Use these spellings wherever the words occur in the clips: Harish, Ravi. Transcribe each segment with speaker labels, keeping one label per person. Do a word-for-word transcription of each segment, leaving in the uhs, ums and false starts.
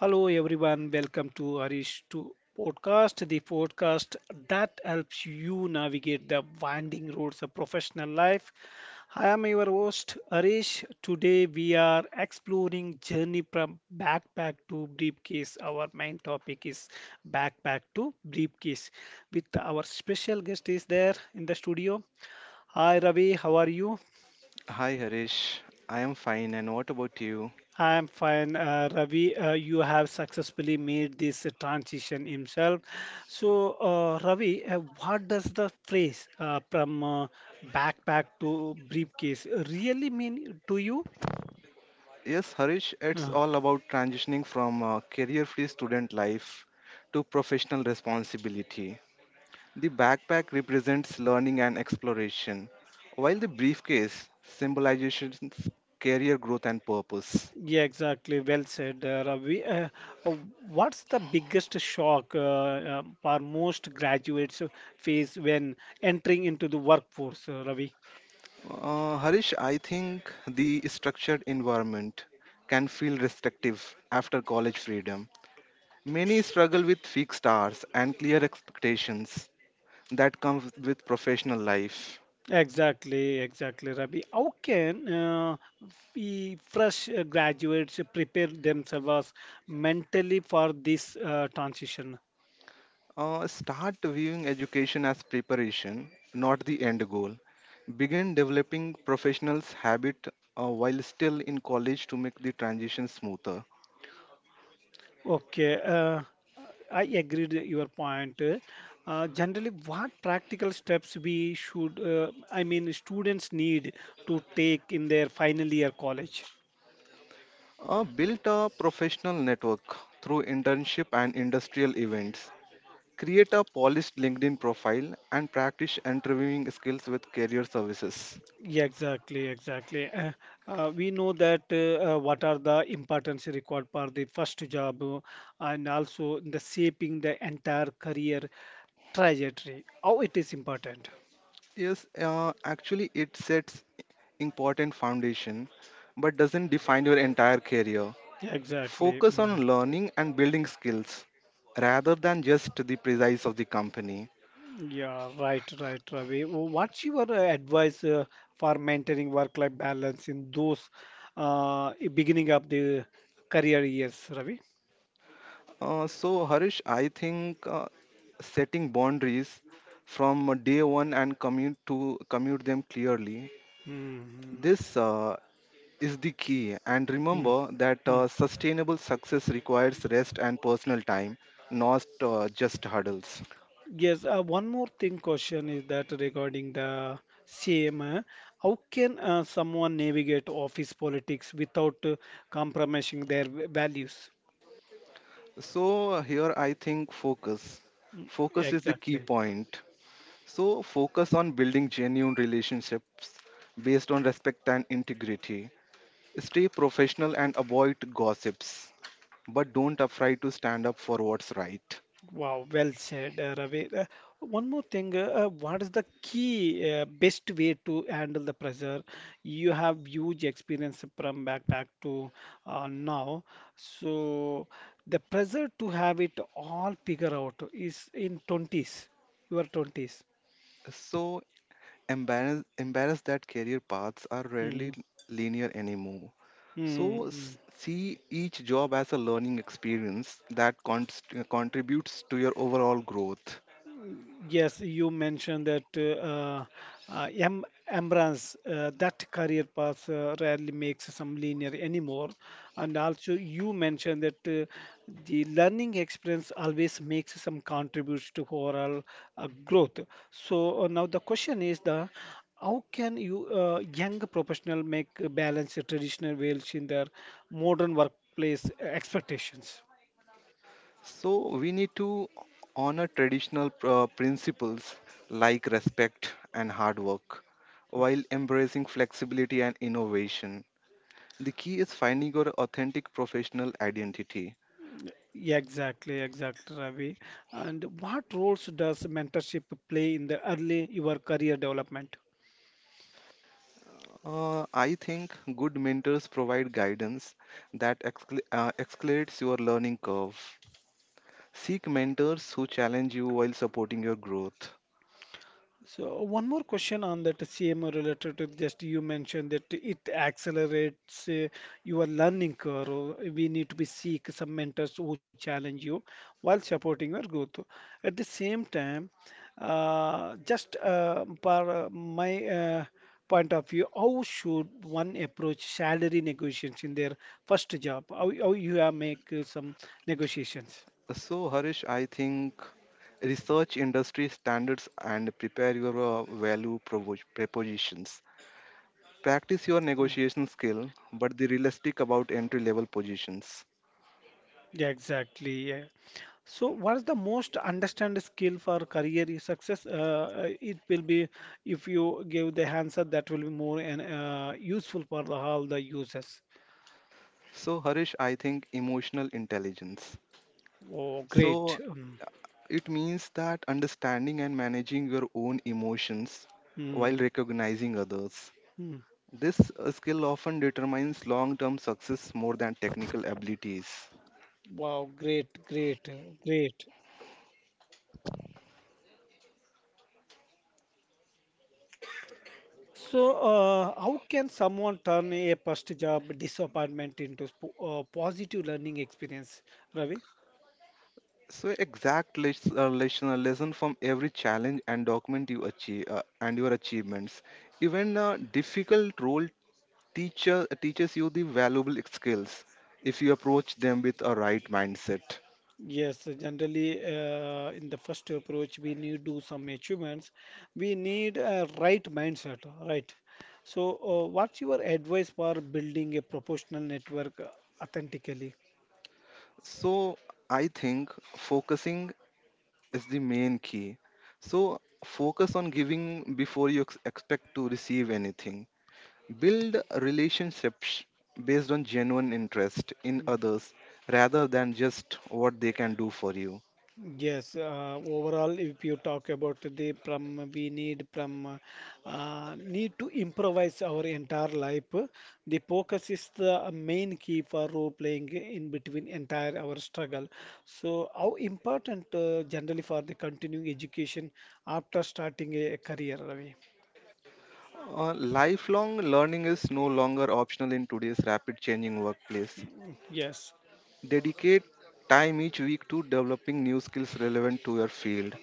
Speaker 1: Hello everyone, welcome to Harish to podcast, the podcast that helps you navigate the winding roads of professional life. I am your host Harish. Today we are exploring journey from backpack to briefcase. Our main topic is backpack to briefcase. With our special guest is there in the studio. Hi Ravi, how are you?
Speaker 2: Hi Harish, I am fine and what about you?
Speaker 1: I'm fine, uh, Ravi. Uh, you have successfully made this uh, transition himself. So, uh, Ravi, uh, what does the phrase uh, from uh, backpack to briefcase really mean to you?
Speaker 2: Yes Harish, it's
Speaker 1: Uh,
Speaker 2: all about transitioning from a career-free student life to professional responsibility. The backpack represents learning and exploration, while the briefcase symbolizes career growth and purpose.
Speaker 1: yeah, exactly. Well said, uh, Ravi. Uh, uh, what's the biggest shock uh, uh, our most graduates face when entering into the workforce, uh, Ravi?
Speaker 2: Uh, Harish, I think the structured environment can feel restrictive after college freedom. Many struggle with fixed hours and clear expectations, that comes with professional life.
Speaker 1: Exactly, exactly, Rabi. How can uh, we fresh uh, graduates prepare themselves mentally for this uh, transition?
Speaker 2: Uh, start viewing education as preparation, not the end goal. Begin developing professionals' habit uh, while still in college to make the transition smoother.
Speaker 1: Okay, uh, I agree with your point. Uh, generally, what practical steps we should, uh, I mean, students need to take in their final year college?
Speaker 2: Uh, build a professional network through internship and industrial events. Create a polished LinkedIn profile and practice interviewing skills with career services.
Speaker 1: Yeah, exactly, exactly. Uh, uh, we know that uh, uh, what are the importance required for the first job uh, and also the shaping the entire career trajectory. How it is important.
Speaker 2: Yes, uh, actually, it sets important foundation, but doesn't define your entire career.
Speaker 1: Yeah, exactly.
Speaker 2: Focus
Speaker 1: Mm.
Speaker 2: on learning and building skills rather than just the precise of the company.
Speaker 1: Yeah, right, right, Ravi. Wh- What's your uh, advice uh, for maintaining work-life balance in those uh, beginning of the career years, Ravi?
Speaker 2: Uh, so, Harish, I think uh, setting boundaries from day one and commute to commute them clearly.
Speaker 1: Mm-hmm.
Speaker 2: This uh, is the key, and remember that
Speaker 1: Mm-hmm.
Speaker 2: uh, sustainable success requires rest and personal time, not uh, just hurdles.
Speaker 1: Yes, uh, one more thing question is that regarding the same, uh, how can uh, someone navigate office politics without uh, compromising their v- values?
Speaker 2: So here I think focus. Focus is the key
Speaker 1: Exactly.
Speaker 2: point. So focus on building genuine relationships based on respect and integrity. Stay professional and avoid gossips, but don't afraid to stand up for what's right.
Speaker 1: Wow, well said, uh, Ravi. Uh, one more thing, uh, uh, what is the key uh, best way to handle the pressure? You have huge experience from back back to uh, now, so the pressure to have it all figure out is in twenties, your twenties.
Speaker 2: So embarrass embarrass that career paths are rarely
Speaker 1: Mm,
Speaker 2: linear anymore.
Speaker 1: mm,
Speaker 2: So
Speaker 1: mm.
Speaker 2: s- see each job as a learning experience that const- contributes to your overall growth.
Speaker 1: Yes, you mentioned that uh, uh, em Embrance, uh, that career path uh, rarely makes some linear anymore. And also, you mentioned that uh, the learning experience always makes some contributes to overall uh, growth. So uh, now the question is the how can you uh, young professional make a balance the traditional roles in their modern workplace expectations?
Speaker 2: So we need to honor traditional uh, principles like respect and hard work while embracing flexibility and innovation. The key is finding your authentic professional identity.
Speaker 1: Yeah, exactly, exactly, Ravi. And what roles does mentorship play in the early your career development?
Speaker 2: Uh, I think good mentors provide guidance that excal- uh, accelerates your learning curve. Seek mentors who challenge you while supporting your growth.
Speaker 1: So one more question on that C M O related to just you mentioned that it accelerates uh, your learning curve. Or we need to be seek some mentors who challenge you while supporting your growth. At the same time, uh, just uh, per uh, my uh, point of view, how should one approach salary negotiations in their first job? How, how you are make uh, some negotiations?
Speaker 2: So Harish, I think research industry standards and prepare your uh, value provo- propositions.
Speaker 1: Mm,
Speaker 2: Practice your negotiation skill, but be realistic about entry level positions.
Speaker 1: yeah, exactly. Yeah. So, what's the most understand skill for career success? Uh, uh, it will be if you give the answer that will be more and uh, useful for the, all the users.
Speaker 2: So Harish, I think emotional intelligence.
Speaker 1: Oh, great!
Speaker 2: So
Speaker 1: Um,
Speaker 2: it means that understanding and managing your own emotions
Speaker 1: mm,
Speaker 2: while recognizing others.
Speaker 1: mm.
Speaker 2: This uh, skill often determines long term success more than technical abilities.
Speaker 1: Wow, great, great, uh, great. So, uh, how can someone turn a first job disappointment into sp- uh, positive learning experience, Ravi?
Speaker 2: So exact les- uh, lesson, uh, lesson from every challenge and document you achieve uh, and your achievements. Even a difficult role teacher uh, teaches you the valuable skills if you approach them with a right mindset.
Speaker 1: Yes, generally, uh, in the first approach, we need to some achievements. We need a right mindset, right? So, uh, what's your advice for building a professional network authentically?
Speaker 2: So I think focusing is the main key. So focus on giving before you ex- expect to receive anything. Build relationships based on genuine interest in others rather than just what they can do for you.
Speaker 1: Yes, uh, overall, if you talk about the pram, we need pram, uh, need to improvise our entire life. The focus is the main key for role playing in between entire our struggle. So, how important uh, generally for the continuing education after starting a career, Ravi?
Speaker 2: Uh, lifelong learning is no longer optional in today's rapid changing workplace.
Speaker 1: Yes.
Speaker 2: Dedicate time each week to developing new skills relevant to your field.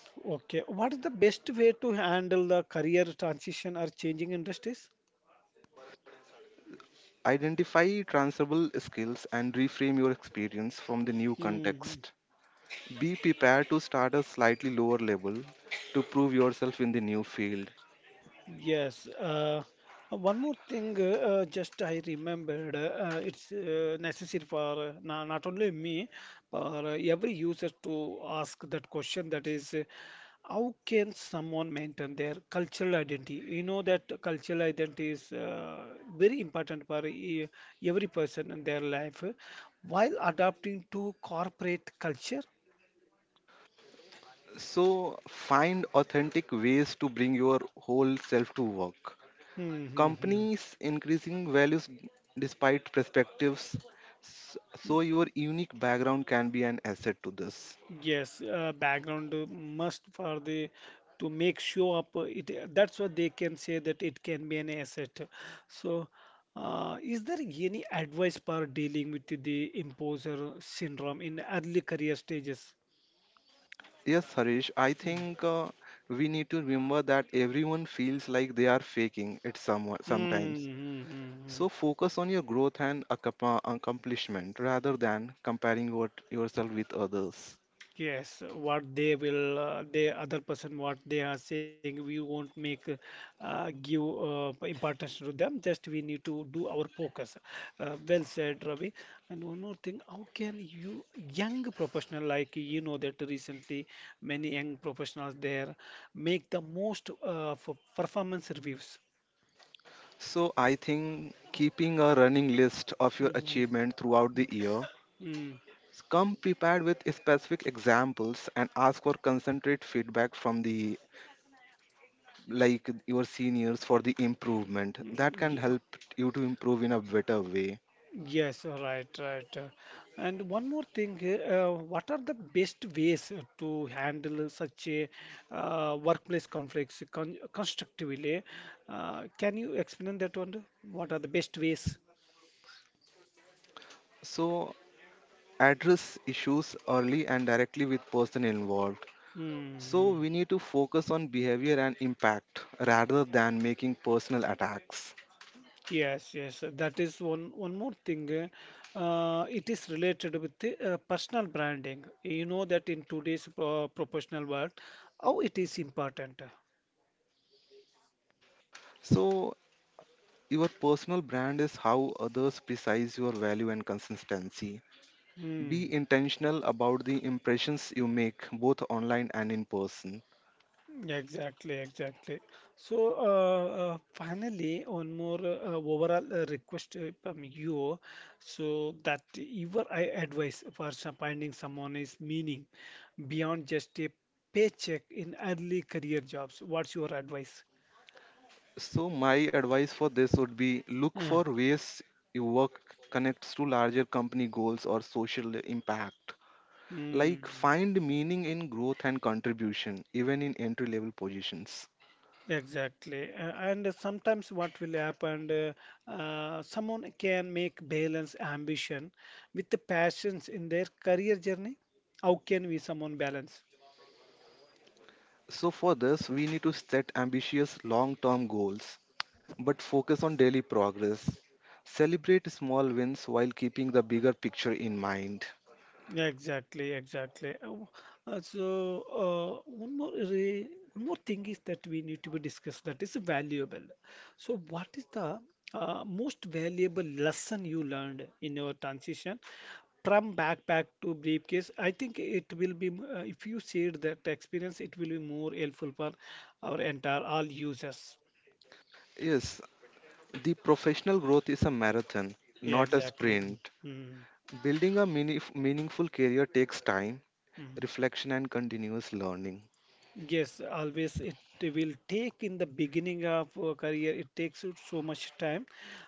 Speaker 1: Okay. What is the best way to handle the career transition or changing industries?
Speaker 2: Identify transferable skills and reframe your experience from the new
Speaker 1: Hmm.
Speaker 2: context. Be prepared to start at a slightly lower level to prove yourself in the new field.
Speaker 1: Yes. Uh, one more thing, uh, uh, just I remembered, uh, uh, it's uh, necessary for uh, na- not only me, but uh, every user to ask that question that is, uh, how can someone maintain their cultural identity? You know that cultural identity is uh, very important for e- every person in their life uh, while adapting to corporate culture.
Speaker 2: So find authentic ways to bring your whole self to work.
Speaker 1: Hmm, hmm, hmm.
Speaker 2: Companies increasing values despite perspectives, s- so your unique background can be an asset to this.
Speaker 1: Yes, uh, background uh, must for the to make show up uh, it uh, that's what they can say that it can be an asset. So, uh, is there any advice for dealing with the imposter syndrome in early career stages?
Speaker 2: Yes, Harish, I think uh, we need to remember that everyone feels like they are faking it some, sometimes.
Speaker 1: Mm-hmm.
Speaker 2: So focus on your growth and accompa- accomplishment rather than comparing what yourself with others.
Speaker 1: Yes, what they will, uh, the other person, what they are saying, we won't make uh, give uh, importance to them. Just we need to do our focus. Uh, well said, Ravi. And one more thing, how can you young professional like you know that recently many young professionals there make the most uh, for performance reviews.
Speaker 2: So I think keeping a running list of your
Speaker 1: Mhm.
Speaker 2: achievement throughout the year,
Speaker 1: Mm,
Speaker 2: come prepared with specific examples and ask for concentrate feedback from the like your seniors for the improvement. That
Speaker 1: mm,
Speaker 2: can
Speaker 1: yeah.
Speaker 2: help you to improve in a better way.
Speaker 1: Yes, right, right. Uh, and one more thing, uh, what are the best ways to handle such a uh, workplace conflicts con constructively? Uh, can you explain that one? What are the best ways?
Speaker 2: So address issues early and directly with person involved.
Speaker 1: Hmm.
Speaker 2: So we need to focus on behavior and impact rather than making personal attacks.
Speaker 1: Yes, yes, that is one one more thing. Uh, it is related with the uh, personal branding. You know that in today's uh, professional world, how it is important.
Speaker 2: So your personal brand is how others precise your value and consistency.
Speaker 1: Hmm.
Speaker 2: Be intentional about the impressions you make, both online and in person.
Speaker 1: Yeah, exactly, exactly. So, uh, uh, finally, one more uh, overall uh, request uh, from you. So, that your I- advice for some- finding someone is meaning beyond just a paycheck in early career jobs. What's your advice?
Speaker 2: So, my advice for this would be look
Speaker 1: Uh,
Speaker 2: for ways your work connects to larger company goals or social impact. Like,
Speaker 1: mm,
Speaker 2: find meaning in growth and contribution, even in entry level positions.
Speaker 1: exactly. Uh, and sometimes what will happen, uh, uh, someone can make balance ambition with the passions in their career journey. How can we someone balance?
Speaker 2: So, for this, we need to set ambitious long term goals but focus on daily progress. Celebrate small wins while keeping the bigger picture in mind.
Speaker 1: Yeah, exactly, exactly. Uh, w- uh, so uh, one more re one more thing is that we need to be discussed that is valuable. So what is the uh, most valuable lesson you learned in your transition from backpack to briefcase? I think it will be m- uh, if you share that experience, it will be more helpful for our entire all users.
Speaker 2: Yes, the professional growth is a marathon,
Speaker 1: Yeah,
Speaker 2: not a
Speaker 1: exactly.
Speaker 2: sprint.
Speaker 1: Mm,
Speaker 2: Building a meanif- meaningful career takes time,
Speaker 1: mm.
Speaker 2: reflection, and continuous learning.
Speaker 1: Yes, always it will take in the beginning of a career, it takes you so much time,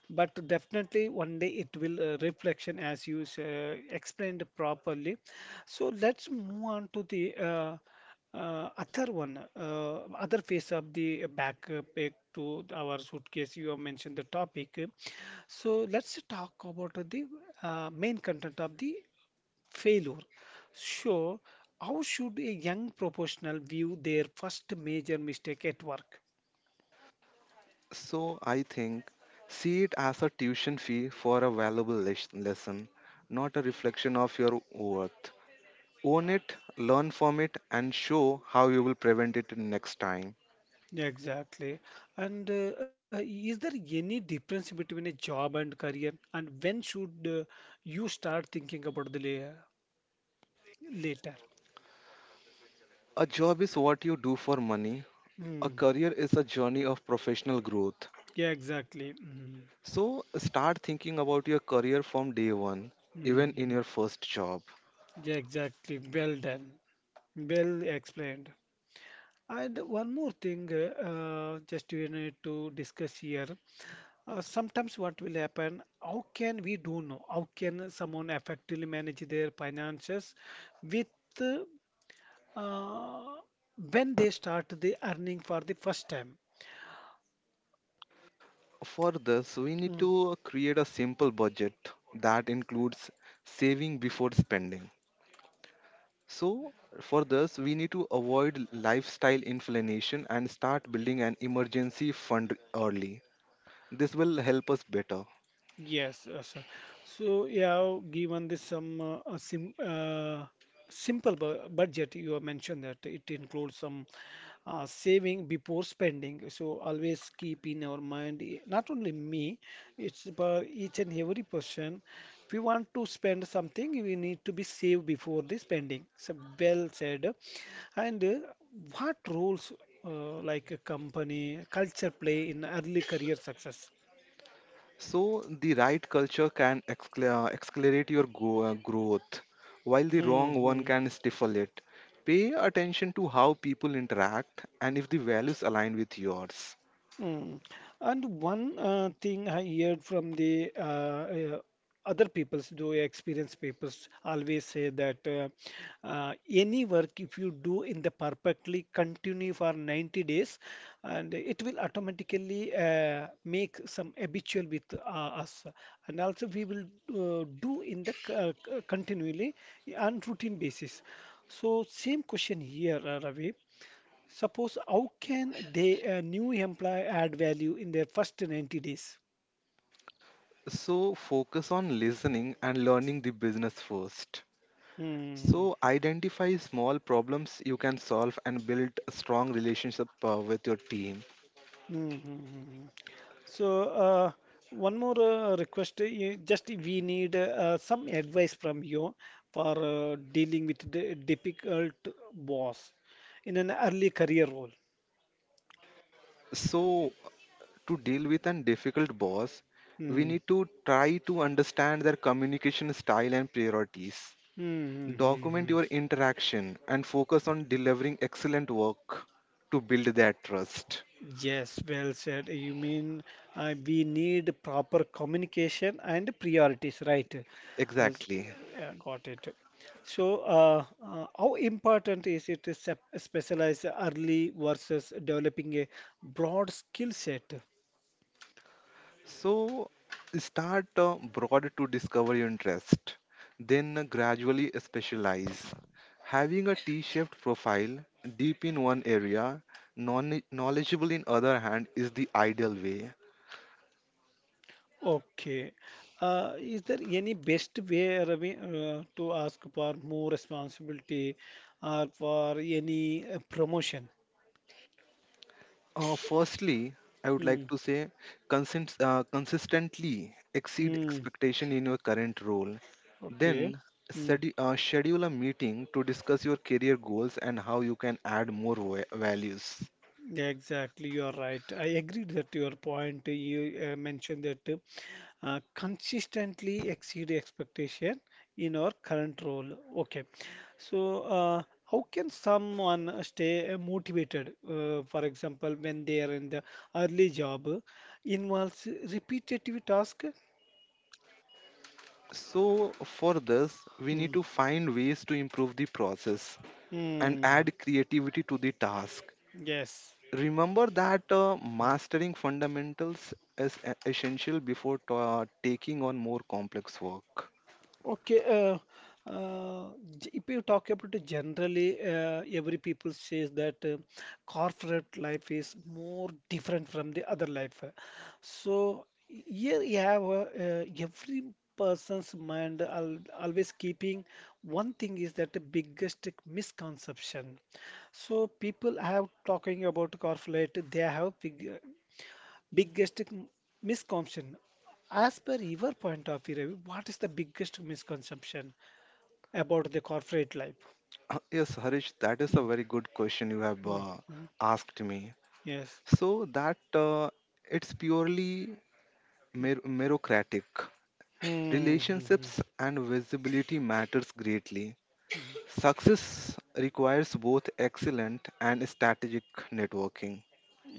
Speaker 1: but definitely one day it will uh, reflection as you s- uh, explained properly. So let's move on to the uh, uh, other one, uh, other face of the backpack to our suitcase. You have mentioned the topic. So let's talk about the uh, main content of the failure. So, how should a young professional view their first major mistake at work?
Speaker 2: So I think see it as a tuition fee for a valuable les- lesson, not a reflection of your worth. Own it, learn from it, and show how you will prevent it next time.
Speaker 1: Exactly. And uh, uh, is there any difference between a job and career? And when should uh, you start thinking about the la later?
Speaker 2: A job is what you do for money. A
Speaker 1: Mm.
Speaker 2: career is a journey of professional growth.
Speaker 1: Yeah, exactly. Mm.
Speaker 2: So start thinking about your career from day one, even in
Speaker 1: Mm.
Speaker 2: your first job.
Speaker 1: Yeah, exactly. Well done. Well explained. And one more thing, uh, uh, just we need to discuss here. Uh, sometimes what will happen, how can we do know? How can someone effectively manage their finances with uh, when they start the earning for the first time?
Speaker 2: For this, we need
Speaker 1: Mm.
Speaker 2: to create a simple budget that includes saving before spending. So, for this, we need to avoid lifestyle inflation and start building an emergency fund early. This will help us better.
Speaker 1: Yes, uh, sir. So, yeah, given this some uh, a sim uh, simple bu budget, you have mentioned that it includes some uh, saving before spending. So, always keep in our mind, eh, not only me, it's about each and every person. If we want to spend something, we need to be saved before the spending. So, well said. And uh, what roles uh, like a company culture play in early career success?
Speaker 2: So the right culture can acc- uh, accelerate your go- uh, growth, while the wrong one
Speaker 1: Hmm.
Speaker 2: can stifle it. Pay attention to how people interact and if the values align with yours.
Speaker 1: Mm. And one uh, thing I heard from the uh, uh, other peoples, though experienced peoples, always say that uh, uh, any work if you do in the perfectly continue for ninety days, and it will automatically uh, make some habitual with uh, us, and also we will uh, do in the c- uh, c- continually on routine basis. So same question here, uh, Ravi. Suppose how can they a new employee add value in their first ninety days?
Speaker 2: So focus on listening and learning the business first.
Speaker 1: Hmm.
Speaker 2: So identify small problems you can solve and build a strong relationship uh, with your team.
Speaker 1: Hmm, hmm, hmm, hmm. So, uh, one more uh, request. uh, you- Just we need uh, some advice from you for uh, dealing with the difficult boss in an early career role.
Speaker 2: So to deal with a difficult boss, we
Speaker 1: Hmm.
Speaker 2: need to try to understand their communication style and priorities.
Speaker 1: Hmm. Hmm. Hmm.
Speaker 2: Document
Speaker 1: Hmm.
Speaker 2: your interaction and focus on delivering excellent work to build that trust.
Speaker 1: Yes, well said. You mean uh, we need proper communication and priorities, right? As-
Speaker 2: Exactly.
Speaker 1: yeah, got it. So, uh, uh, how important is it to sep- specialize early versus developing a broad skill set?
Speaker 2: So start uh, broad to discover your interest, then gradually specialize. Having a T-shaped profile, deep in one area, non- knowledgeable in other hand is the ideal way.
Speaker 1: Okay. Uh, is there any best way, Ravi, uh, to ask for more responsibility or for any uh, promotion?
Speaker 2: Uh, firstly, I would
Speaker 1: Hmm.
Speaker 2: like to say consist, uh, consistently exceed
Speaker 1: Hmm.
Speaker 2: expectation in your current role.
Speaker 1: Okay.
Speaker 2: Then
Speaker 1: Hmm.
Speaker 2: study, uh, schedule a meeting to discuss your career goals and how you can add more va- values.
Speaker 1: Yeah, exactly. You are right. I agreed that your point. You uh, mentioned that uh, consistently exceed expectation in our current role. Okay. So, uh, how can someone uh, stay uh, motivated? Uh, for example, when they are in the early job, uh, involves repetitive task.
Speaker 2: So for this, we need
Speaker 1: Hmm.
Speaker 2: to find ways to improve the process and
Speaker 1: Hmm.
Speaker 2: add creativity to the task.
Speaker 1: Yes.
Speaker 2: Remember that uh, mastering fundamentals is e- essential before t- uh, taking on more complex work.
Speaker 1: Okay, uh, uh, g- if you talk about it generally, uh, every people says that uh, corporate life is more different from the other life. So here you have uh, uh, every person's mind al always keeping one thing is that the biggest misconception. So people have talking about corporate, they have fig biggest misconception. As per your point of view, Ravi, what is the biggest misconception about the corporate life?
Speaker 2: Uh, Yes, Harish, that is a
Speaker 1: Mm,
Speaker 2: very good question you have
Speaker 1: mm,
Speaker 2: uh,
Speaker 1: mm.
Speaker 2: asked me.
Speaker 1: Yes.
Speaker 2: So that uh, it's purely mer- meritocratic.
Speaker 1: Hmm, hmm, hmm.
Speaker 2: Relationships and visibility matters greatly. Success requires both excellent and strategic networking.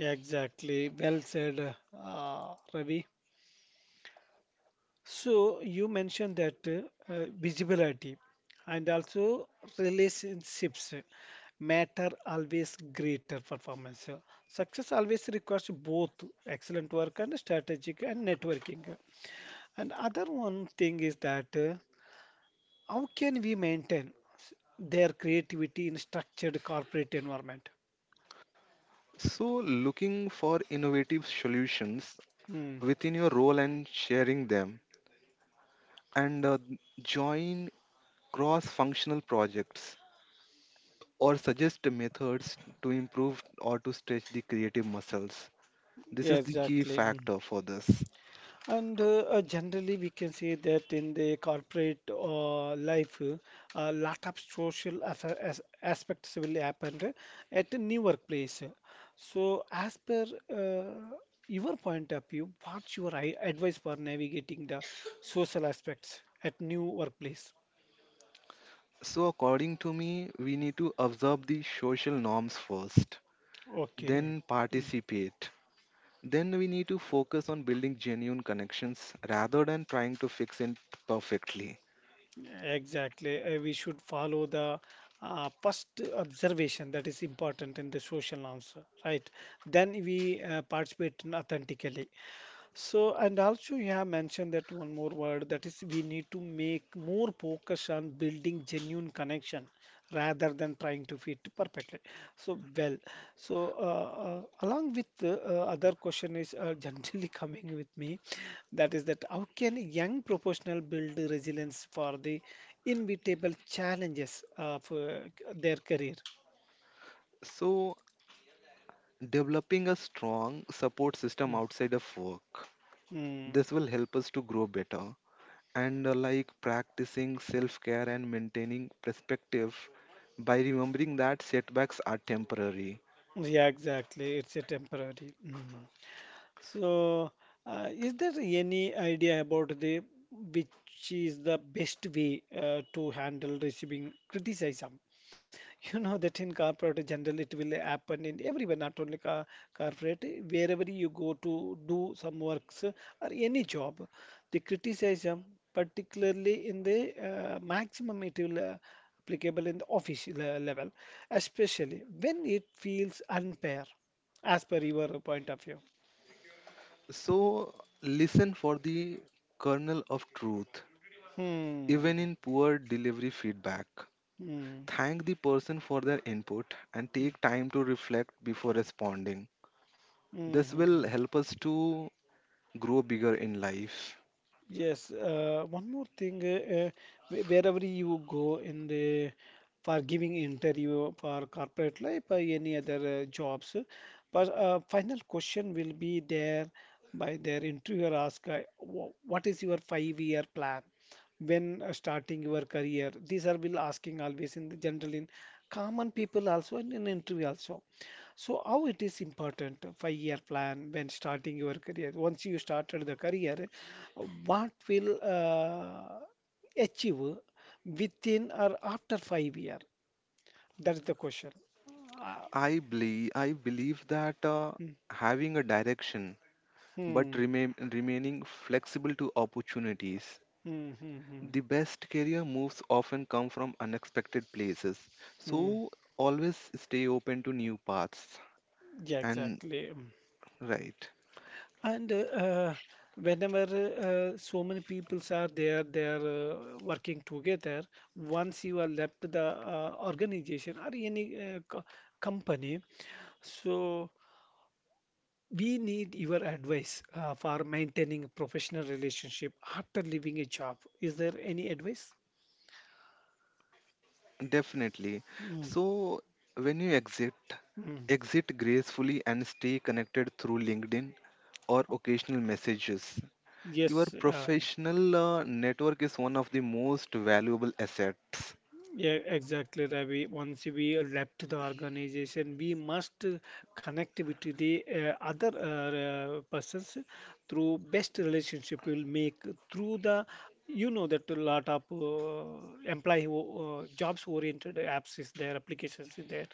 Speaker 1: Exactly. Well said, uh, Ravi. So you mentioned that uh, uh, visibility and also relationships matter always greater performance. Success always requires both excellent work and strategic and networking. And other one thing is that uh, how can we maintain s- their creativity in structured corporate environment?
Speaker 2: So looking for innovative solutions
Speaker 1: Mm,
Speaker 2: within your role and sharing them and uh, join cross functional projects or suggest methods to improve or to stretch the creative muscles. This
Speaker 1: yeah,
Speaker 2: is the key
Speaker 1: exactly. Mm.
Speaker 2: factor for this.
Speaker 1: And uh, uh, generally, we can say that in the corporate uh, life, uh, a lot of social as as aspects will happen uh, at a new workplace. So, as per uh, your point of view, what's your i- advice for navigating the social aspects at new workplace?
Speaker 2: So, according to me, we need to observe the social norms first,
Speaker 1: Okay.
Speaker 2: then
Speaker 1: Hmm.
Speaker 2: participate. Then we need to focus on building genuine connections rather than trying to fix it perfectly.
Speaker 1: Exactly. Uh, we should follow the uh, first observation that is important in the social norms, right? Then we uh, participate in authentically. So, and also you have mentioned that one more word that is we need to make more focus on building genuine connection rather than trying to fit perfectly. So, well, so uh, uh, along with the uh, other question is uh, generally coming with me, that is that how can a young professional build resilience for the inevitable challenges of uh, their career?
Speaker 2: So, developing a strong support
Speaker 1: Mm.
Speaker 2: system outside of work.
Speaker 1: Mm.
Speaker 2: This will help us to grow better. And uh, like practicing self care and maintaining perspective by remembering that setbacks are temporary.
Speaker 1: Yeah, exactly. It's a temporary. Mm. So, uh, is there any idea about the which is the best way uh, to handle receiving criticism? You know that in corporate general it will happen in everywhere, not only car corporate. Wherever you go to do some works or any job, the criticism, particularly in the uh, maximum, it will uh, applicable in the office le- level, especially when it feels unfair, as per your point of view.
Speaker 2: So, listen for the kernel of truth,
Speaker 1: Hmm.
Speaker 2: even in poor delivery feedback.
Speaker 1: Mm,
Speaker 2: Thank the person for their input and
Speaker 1: mm,
Speaker 2: take time to reflect before responding.
Speaker 1: mm,
Speaker 2: This
Speaker 1: mm,
Speaker 2: will
Speaker 1: mm.
Speaker 2: help us to grow bigger in life.
Speaker 1: Yes, uh, one more thing, uh, uh, wh- wherever you go in the for giving interview for corporate life or any other uh, jobs, uh, but uh, final question will be there by their interviewer ask, uh, wh- what is your five year plan when uh, starting your career? These are will asking always in the general in common people also and in interview also. So how it is important uh, five-year plan when starting your career? Once you started the career, what will uh, achieve within or after five year? That is the question. Uh,
Speaker 2: I believe, I believe that uh,
Speaker 1: mm,
Speaker 2: having a direction but
Speaker 1: hmm,
Speaker 2: remain, remaining flexible to opportunities.
Speaker 1: hmm, hmm, hmm,
Speaker 2: The best career moves often come from unexpected places,
Speaker 1: hmm.
Speaker 2: so always stay open to new paths.
Speaker 1: Yeah,
Speaker 2: And
Speaker 1: exactly. Mm.
Speaker 2: right,
Speaker 1: And uh, uh, whenever uh, so many peoples are there, they are uh, working together. Once you are left the uh, organization or any uh, co company, so we need your advice uh, for maintaining a professional relationship after leaving a job. Is there any advice?
Speaker 2: definitely.
Speaker 1: Mm,
Speaker 2: So when you exit,
Speaker 1: mm.
Speaker 2: exit gracefully and stay connected through LinkedIn or occasional messages. Your
Speaker 1: Yes. Uh,
Speaker 2: professional uh, network is one of the most valuable assets.
Speaker 1: yeah, exactly, Ravi. Once we left the organization, we must connect with the uh, other uh, uh, persons through best relationship will make through the you know that a lot of uh, employee o- uh, jobs oriented apps is there applications is there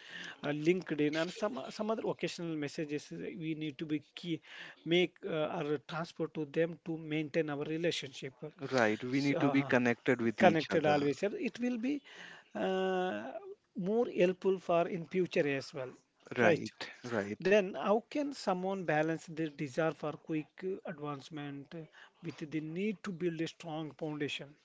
Speaker 1: uh, linkedin and some some other occasional messages uh, we need to be key make uh, or transfer to them to maintain our relationship
Speaker 2: Right, we
Speaker 1: so,
Speaker 2: need to be
Speaker 1: uh,
Speaker 2: connected with each
Speaker 1: connected
Speaker 2: other.
Speaker 1: always sir. It will be uh, more helpful for in future as well right
Speaker 2: Right, right.
Speaker 1: then how can someone balance their desire for quick uh, advancement uh, with the need to build a strong foundation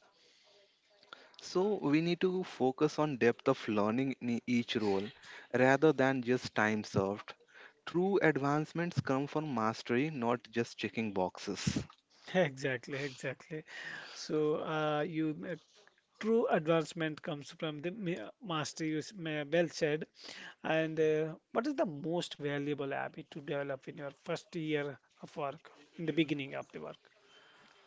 Speaker 2: So we need to focus on depth of learning in each role rather than just time served. True advancements come from mastery, not just checking boxes.
Speaker 1: exactly exactly so uh, you uh, true advancement comes from the ma- master you s- ma- well said and uh, what is the most valuable habit to develop in your first year of work in the beginning of the work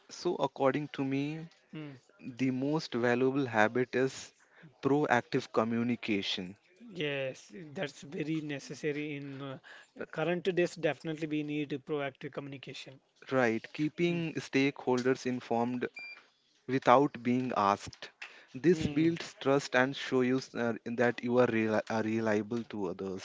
Speaker 2: So, according to me,
Speaker 1: Hmm.
Speaker 2: the most valuable habit is proactive communication.
Speaker 1: Yes, that's very necessary in uh, current days. Definitely, we need proactive communication.
Speaker 2: Right,
Speaker 1: Mm.
Speaker 2: keeping stakeholders informed without being asked. This
Speaker 1: Mm.
Speaker 2: builds trust and shows you uh, that you are reli- uh, reliable to others.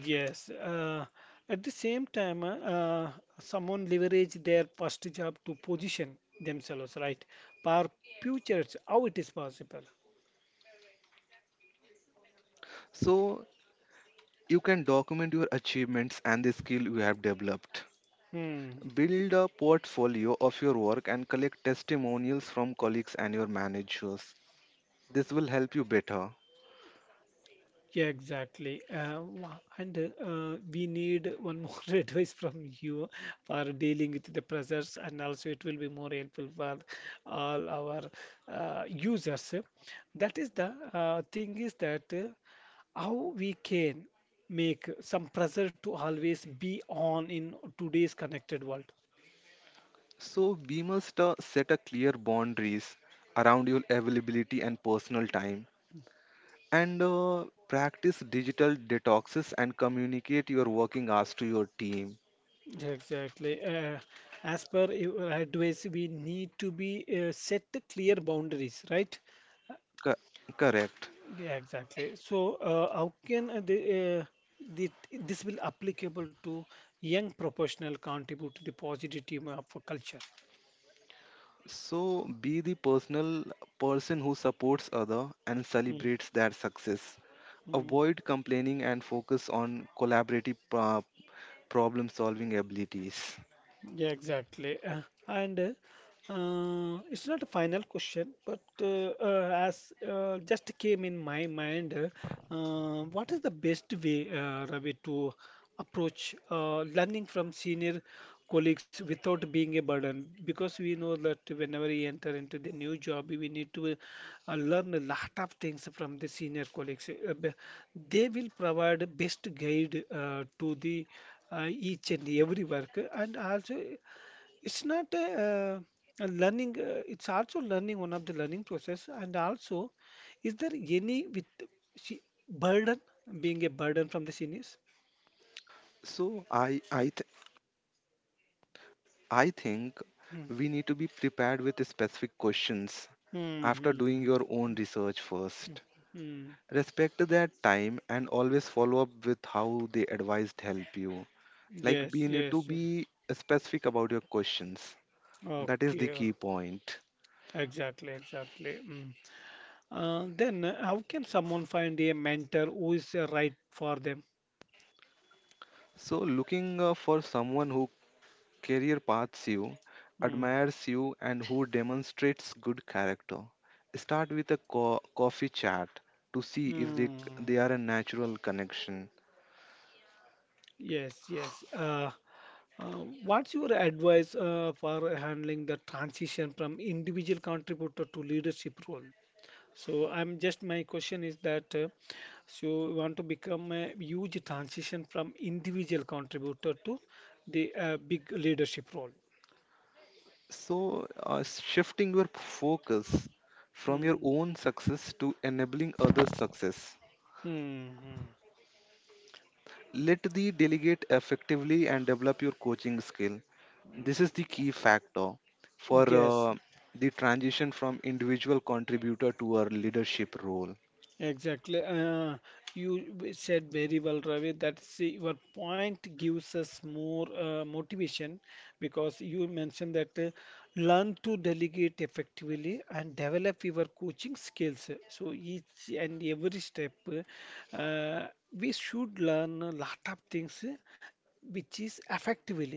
Speaker 1: Yes. Uh, at the same time, uh, uh, someone leverage their first job to position themselves right for futures. How it is possible?
Speaker 2: So, you can document your achievements and the skill you have developed.
Speaker 1: Hmm.
Speaker 2: Build a portfolio of your work and collect testimonials from colleagues and your managers. This will help you better.
Speaker 1: Yeah, exactly. Uh, wha- and uh, we need one more advice from you for dealing with the pressures, and also it will be more helpful for all our uh, users. That is the uh, thing is that uh, how we can make some pressure to always be on in today's connected world.
Speaker 2: So, we must uh, set a clear boundaries around your availability and personal time and uh, practice digital detoxes and communicate your working hours to your team.
Speaker 1: Exactly. Uh, as per your advice, we need to be uh, set the clear boundaries, right?
Speaker 2: Co- Correct.
Speaker 1: Yeah, exactly. So, uh, how can uh, the, uh, the this will applicable to young professional contribute to the positive team of a culture?
Speaker 2: So be the personal person who supports other and
Speaker 1: Mm,
Speaker 2: celebrates their success.
Speaker 1: mm.
Speaker 2: Avoid complaining and focus on collaborative pro- problem solving abilities.
Speaker 1: Yeah, exactly. Uh, and uh, it's not a final question, but uh, uh, as uh, just came in my mind, uh, what is the best way, uh, Ravi, to approach uh, learning from senior colleagues without being a burden? Because we know that whenever we enter into the new job, we need to uh, learn a lot of things from the senior colleagues. Uh, b- They will provide best guide uh, to the uh, each and every work and also it's not a, uh, a learning uh, it's also learning one of the learning process and also is there any with she, burden being a burden from the seniors
Speaker 2: So I I th- I think
Speaker 1: Hmm.
Speaker 2: we need to be prepared with specific questions
Speaker 1: Hmm,
Speaker 2: after
Speaker 1: hmm,
Speaker 2: doing
Speaker 1: hmm.
Speaker 2: your own
Speaker 1: Hmm,
Speaker 2: research
Speaker 1: hmm,
Speaker 2: first.
Speaker 1: hmm.
Speaker 2: Respect their time and always follow up with how they advised help you. Like
Speaker 1: Yes,
Speaker 2: we need to
Speaker 1: yes.
Speaker 2: be specific about your questions. That is the
Speaker 1: Okay.
Speaker 2: key point.
Speaker 1: Exactly, exactly. Mm. Uh, then uh, how can someone find a mentor who is uh, right for them?
Speaker 2: So, looking uh, for someone who career paths you,
Speaker 1: Mm.
Speaker 2: admires you, and who demonstrates good character. Start with a co- coffee chat to see if they, they
Speaker 1: Mm.
Speaker 2: are a natural connection.
Speaker 1: Yes, yes. Uh, uh, what's your advice uh, for handling the transition from individual contributor to leadership role? So I'm just my question is that uh, so you want to become a huge transition from individual contributor to the uh, big leadership role.
Speaker 2: So, uh, shifting your focus from your
Speaker 1: Mm.
Speaker 2: own success to enabling others' success.
Speaker 1: Hmm. Hmm.
Speaker 2: Let the delegate effectively and develop your coaching skill. This is the key factor for
Speaker 1: Yes.
Speaker 2: uh, the transition from individual contributor to a leadership role.
Speaker 1: Exactly. Uh, you w- said very well, Ravi, that see, your point gives us more uh, motivation because you mentioned that uh, learn to delegate effectively and develop your coaching skills. So each and every step, uh, we should learn a lot of things uh, which is effectively.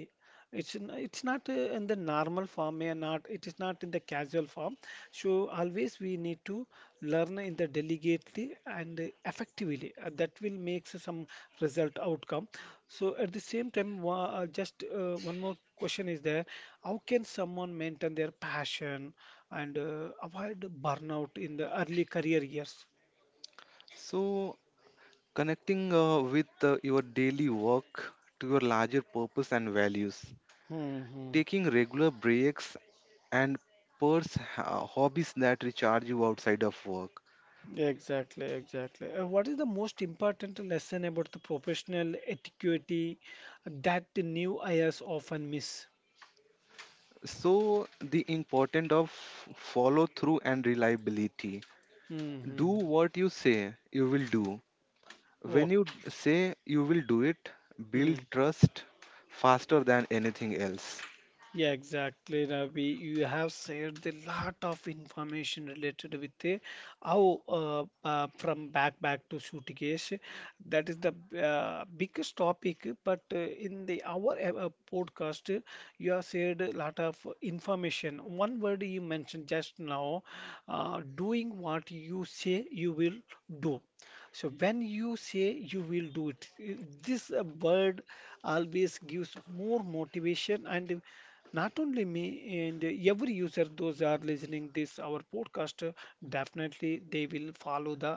Speaker 1: It's n- it's not uh, in the normal form, may not it is not in the casual form. So always we need to learn in the delicately and uh, effectively. Uh, that will make some result outcome. So at the same time, wa- uh, just uh, one more question is there: how can someone maintain their passion and uh, avoid burnout in the early career years?
Speaker 2: So, connecting uh, with uh, your daily work to your larger purpose and values,
Speaker 1: Hmm.
Speaker 2: taking regular breaks, and purse uh, hobbies that recharge you outside of work.
Speaker 1: Exactly, exactly. Uh, what is the most important lesson about the professional etiquette that the new hires often miss?
Speaker 2: So, the importance of follow through and reliability. Do
Speaker 1: Hmm.
Speaker 2: what you say you will do. When you d-
Speaker 1: Okay.
Speaker 2: say you will do it, build
Speaker 1: Hmm.
Speaker 2: trust faster than anything else.
Speaker 1: Yeah, exactly, Ravi. You have shared a lot of information related with the how uh, uh, from backpack to suitcase. That is the uh, biggest topic. But uh, in the our uh, podcast, uh, you have shared a lot of information. One word you mentioned just now, uh, doing what you say you will do. So when you say you will do it, i- this uh, word always gives more motivation and not only me and every user those are listening this our podcast uh, definitely they will follow the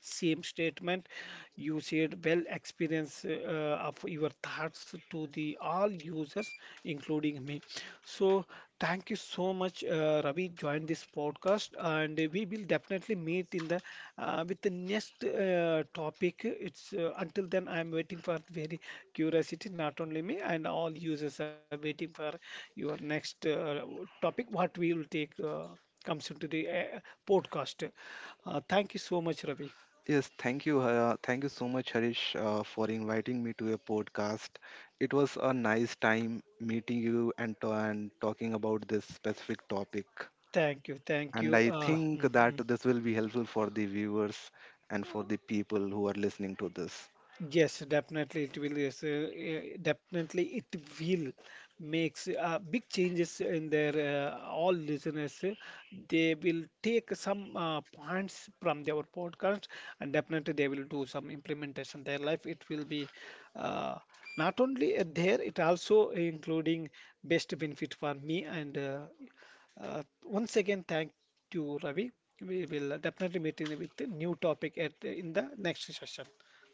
Speaker 1: same statement you said well experience uh, of your thoughts to the all users including me so thank you so much, uh, Ravi, joined this podcast, and uh, we will definitely meet in the uh, with the next uh, topic. It's uh, until then, I'm waiting for very curiosity, not only me and all users are waiting for your next uh, topic. What we will take uh, comes into the uh, podcast. Uh, thank you so much, Ravi.
Speaker 2: Yes, thank you. Uh, thank you so much, Harish, uh, for inviting me to a podcast. It was a nice time meeting you and, ta- and talking about this specific topic.
Speaker 1: Thank you, thank
Speaker 2: And
Speaker 1: you.
Speaker 2: I
Speaker 1: Uh,
Speaker 2: think
Speaker 1: mm,
Speaker 2: that
Speaker 1: mm.
Speaker 2: this will be helpful for the viewers and for the people who are listening to this.
Speaker 1: Yes, definitely it will. Yes, uh, eh, definitely it will makes uh, big changes in their uh, all listeners. Uh, they will take some uh, points from their podcast and definitely they will do some implementation. Their life it will be uh, not only uh, there it also including best benefit for me and uh, uh, once again thank you Ravi. We will definitely meet in with a new topic at in the next session.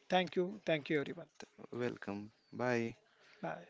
Speaker 1: Thank you. Thank you, everyone.
Speaker 2: Welcome. Bye.
Speaker 1: Bye.